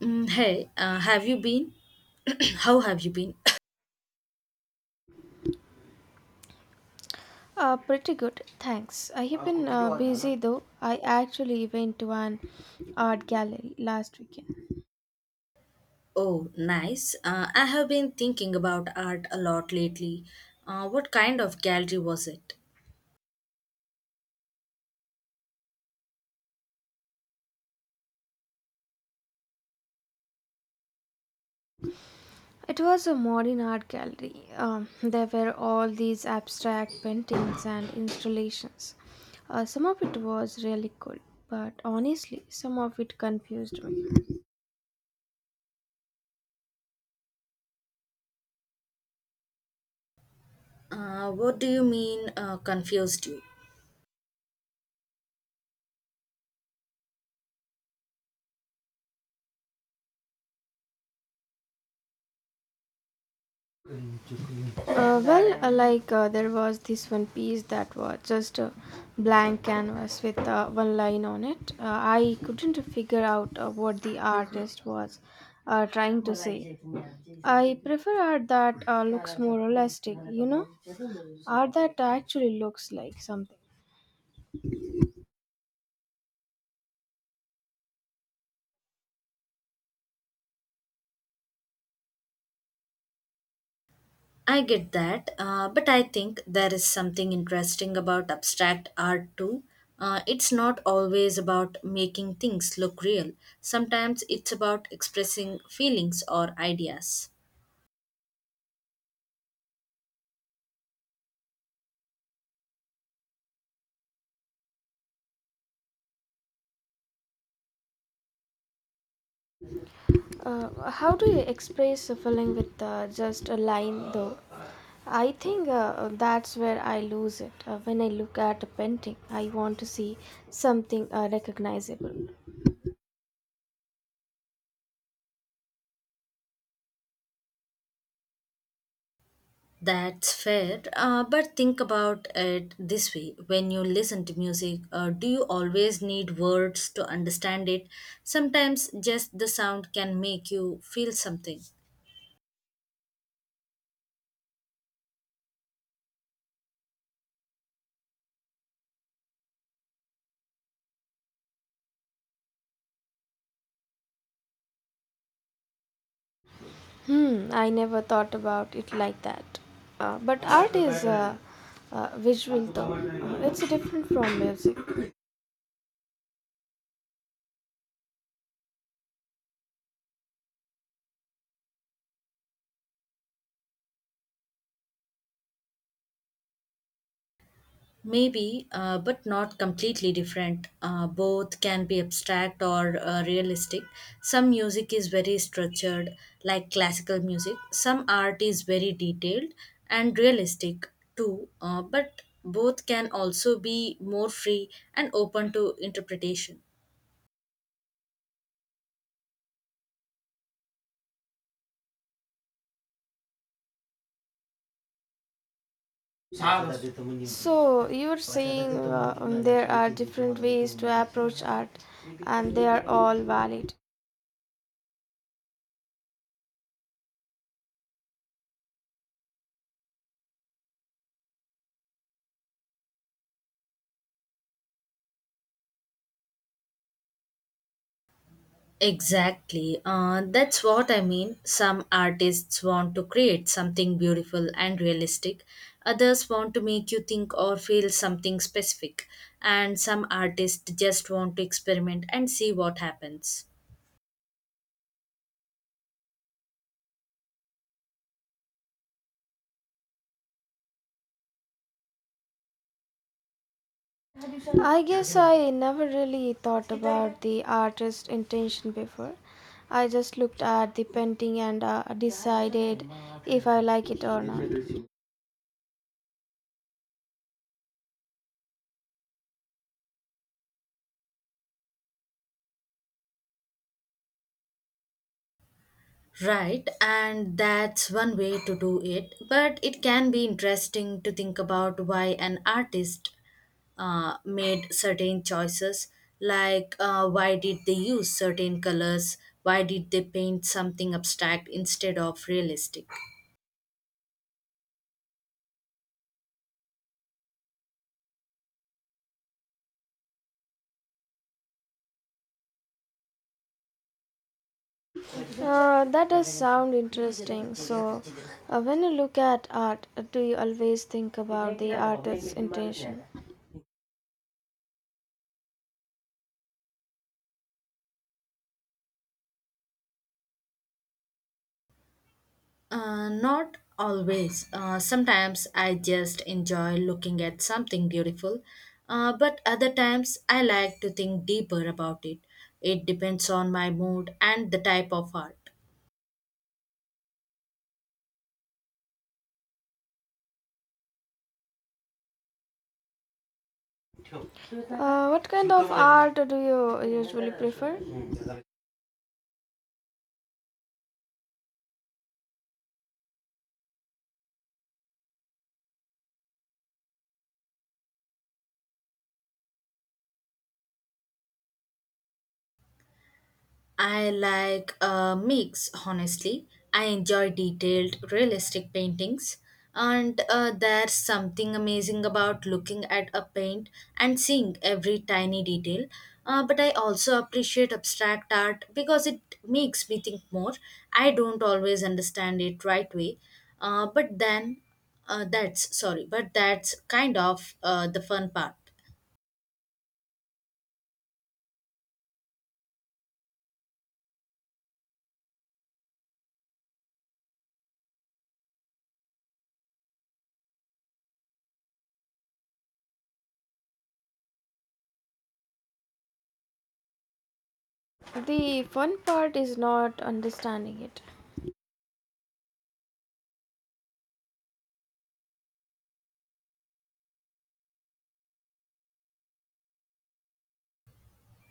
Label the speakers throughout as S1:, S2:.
S1: Have you been? How have you been?
S2: Pretty good, thanks. I have been busy though. I actually went to an art gallery last weekend.
S1: Oh, nice. I have been thinking about art a lot lately. What kind of gallery was it?
S2: It was a modern art gallery. There were all these abstract paintings and installations. Some of it was really cool, but honestly, some of it confused me.
S1: What do you mean, confused you?
S2: Well, like, there was this one piece that was just a blank canvas with one line on it. I couldn't figure out what the artist was trying to say. I prefer art that looks more realistic, you know, art that actually looks like something.
S1: I get that, but I think there is something interesting about abstract art too. It's not always about making things look real, sometimes it's about expressing feelings or ideas.
S2: How do you express a feeling with just a line, though? I think that's where I lose it. When I look at a painting, I want to see something recognizable.
S1: That's fair, but think about it this way. When you listen to music, do you always need words to understand it? Sometimes just the sound can make you feel something.
S2: Hmm, I never thought about it like that. But art is visual, though. It's different from music.
S1: Maybe, but not completely different. Both can be abstract or realistic. Some music is very structured, like classical music. Some art is very detailed and realistic too. But both can also be more free and open to interpretation.
S2: So you're saying there are different ways to approach art, and they are all valid.
S1: Exactly. That's what I mean. Some artists want to create something beautiful and realistic. Others want to make you think or feel something specific. And some artists just want to experiment and see what happens.
S2: I guess I never really thought about the artist's intention before. I just looked at the painting and decided if I like it or not.
S1: Right, and that's one way to do it. But it can be interesting to think about why an artist made certain choices, like why did they use certain colors, why did they paint something abstract instead of realistic?
S2: That does sound interesting. So, when you look at art, do you always think about the artist's intention?
S1: Not always. Sometimes I just enjoy looking at something beautiful, but other times I like to think deeper about it. It depends on my mood and the type of art.
S2: What kind of art do you usually prefer?
S1: I like a mix, honestly. I enjoy detailed, realistic paintings, and there's something amazing about looking at a paint and seeing every tiny detail. But I also appreciate abstract art because it makes me think more. I don't always understand it right way, but then that's sorry, but that's kind of the fun part.
S2: The fun part is not understanding it.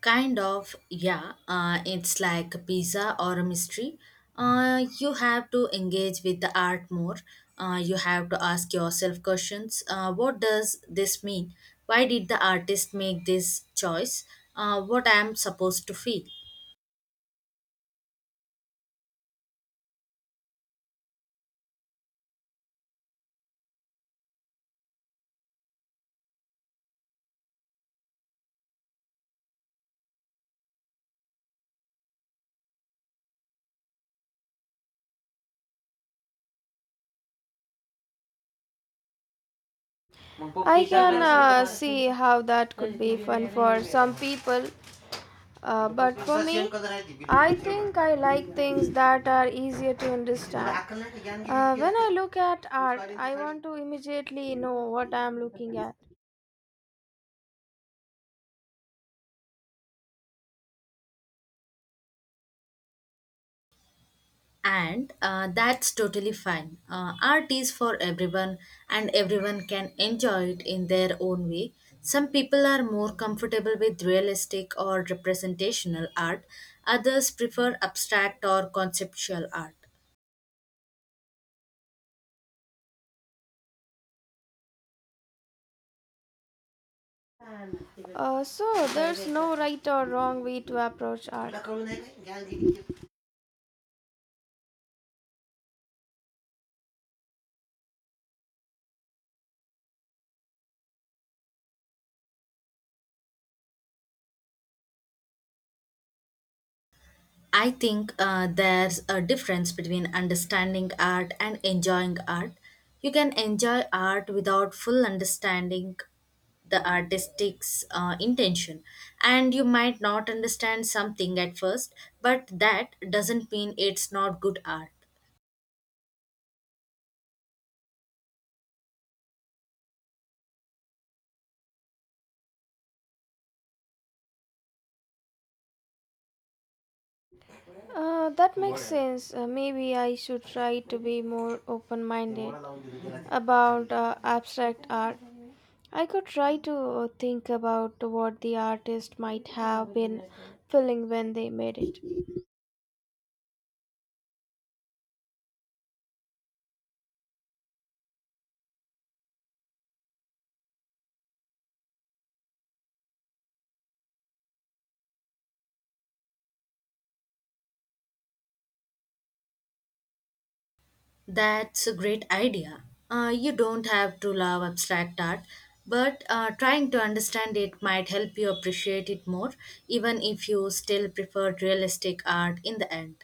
S1: Kind of, yeah. It's like a pizza or a mystery. You have to engage with the art more. You have to ask yourself questions. What does this mean? Why did the artist make this choice? What I am supposed to feel?
S2: I Cookies are can also. See how that could be fun for some people, but for me, I think I like things that are easier to understand. When I look at art, I want to immediately know what I am looking at.
S1: And that's totally fine. Art is for everyone, and everyone can enjoy it in their own way. Some people are more comfortable with realistic or representational art, others prefer abstract or conceptual art.
S2: So, there's no right or wrong way to approach art.
S1: I think there's a difference between understanding art and enjoying art. You can enjoy art without full understanding the artistic's intention, and you might not understand something at first, but that doesn't mean it's not good art.
S2: That makes sense. Maybe I should try to be more open minded about abstract art. I could try to think about what the artist might have been feeling when they made it.
S1: That's a great idea. You don't have to love abstract art, but trying to understand it might help you appreciate it more, even if you still prefer realistic art in the end.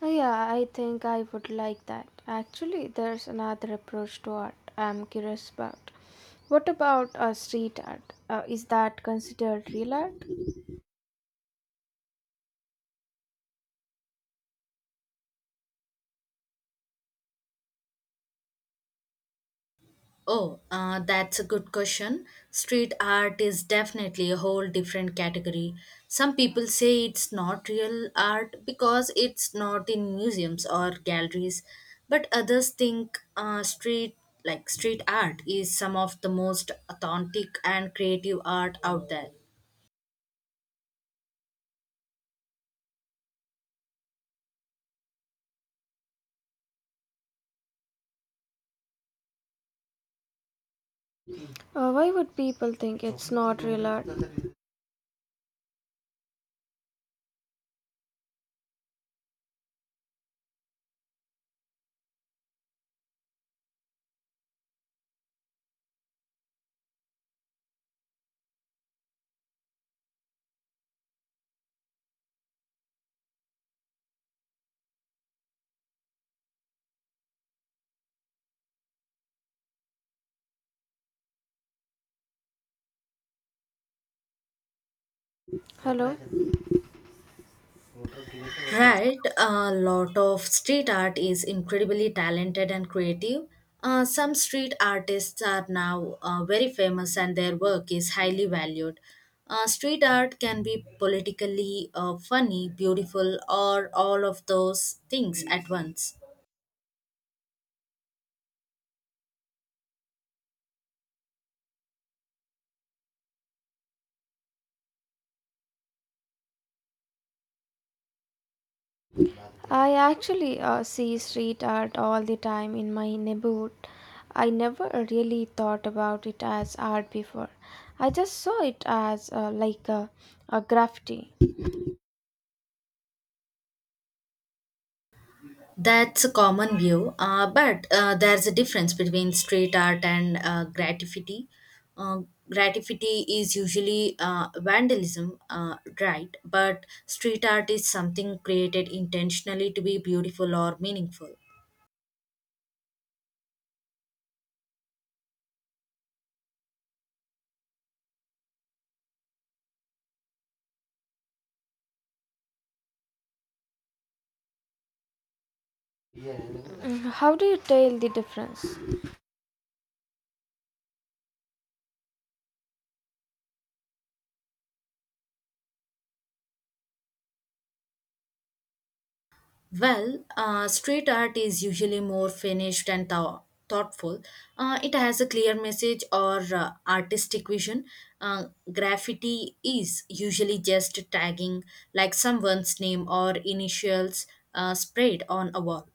S2: Oh, yeah, I think I would like that. Actually, there's another approach to art I'm curious about. What about street art? Is that considered real art?
S1: Oh, that's a good question. Street art is definitely a whole different category. Some people say it's not real art because it's not in museums or galleries, but others think street like street art is some of the most authentic and creative art out there.
S2: Why would people think it's not real art? Hello?
S1: Right, a lot of street art is incredibly talented and creative. Some street artists are now very famous and their work is highly valued. Street art can be politically funny, beautiful, or all of those things at once.
S2: I actually see street art all the time in my neighborhood. I never really thought about it as art before. I just saw it as a graffiti.
S1: That's a common view, but there's a difference between street art and graffiti. Uh, Graffiti is usually vandalism, right? But street art is something created intentionally to be beautiful or meaningful.
S2: Mm, how do you tell the difference?
S1: Well, street art is usually more finished and thoughtful. It has a clear message or artistic vision. Uh, Graffiti is usually just tagging, like someone's name or initials sprayed on a wall.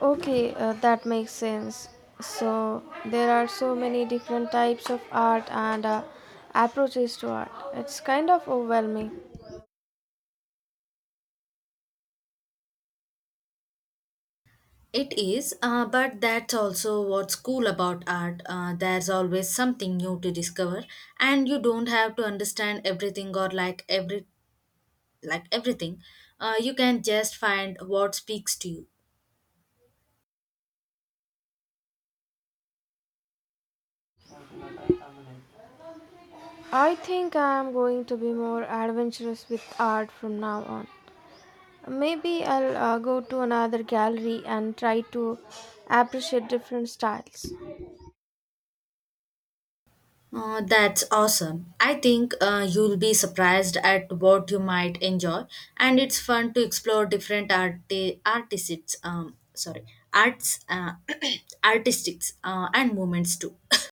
S2: Okay, that makes sense. So there are so many different types of art and approaches to art. It's kind of overwhelming.
S1: It is, but that's also what's cool about art. There's always something new to discover, and you don't have to understand everything or like everything. You can just find what speaks to you.
S2: I think I am going to be more adventurous with art from now on. Maybe I'll go to another gallery and try to appreciate different styles.
S1: That's awesome. I think you'll be surprised at what you might enjoy, and it's fun to explore different artists. Sorry, arts, artistics, and movements too.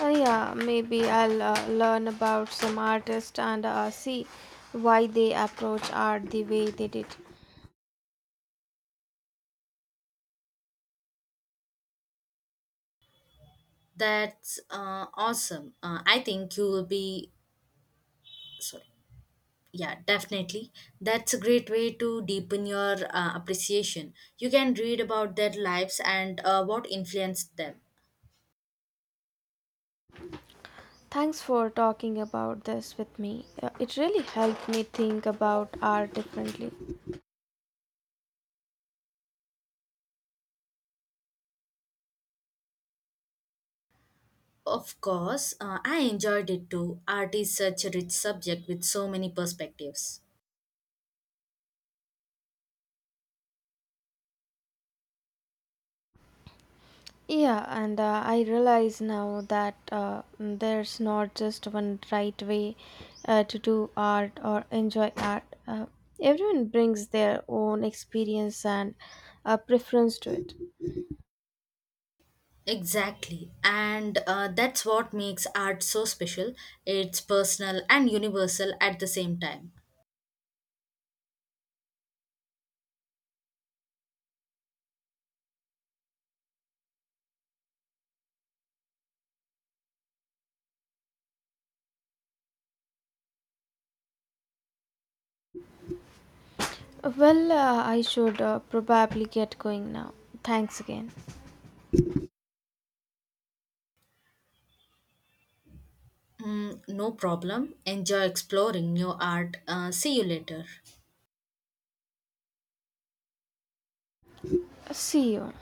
S2: Yeah, maybe I'll learn about some artists and see why they approach art the way they did.
S1: That's awesome. I think you will be sorry. Yeah, definitely. That's a great way to deepen your appreciation. You can read about their lives and what influenced them.
S2: Thanks for talking about this with me. It really helped me think about art differently.
S1: Of course, I enjoyed it too. Art is such a rich subject with so many perspectives.
S2: Yeah, and I realize now that there's not just one right way to do art or enjoy art. Everyone brings their own experience and preference to it.
S1: Exactly, and that's what makes art so special. It's personal and universal at the same time.
S2: Well, I should probably get going now. Thanks again.
S1: Mm, no problem. Enjoy exploring new art. See you later.
S2: See you.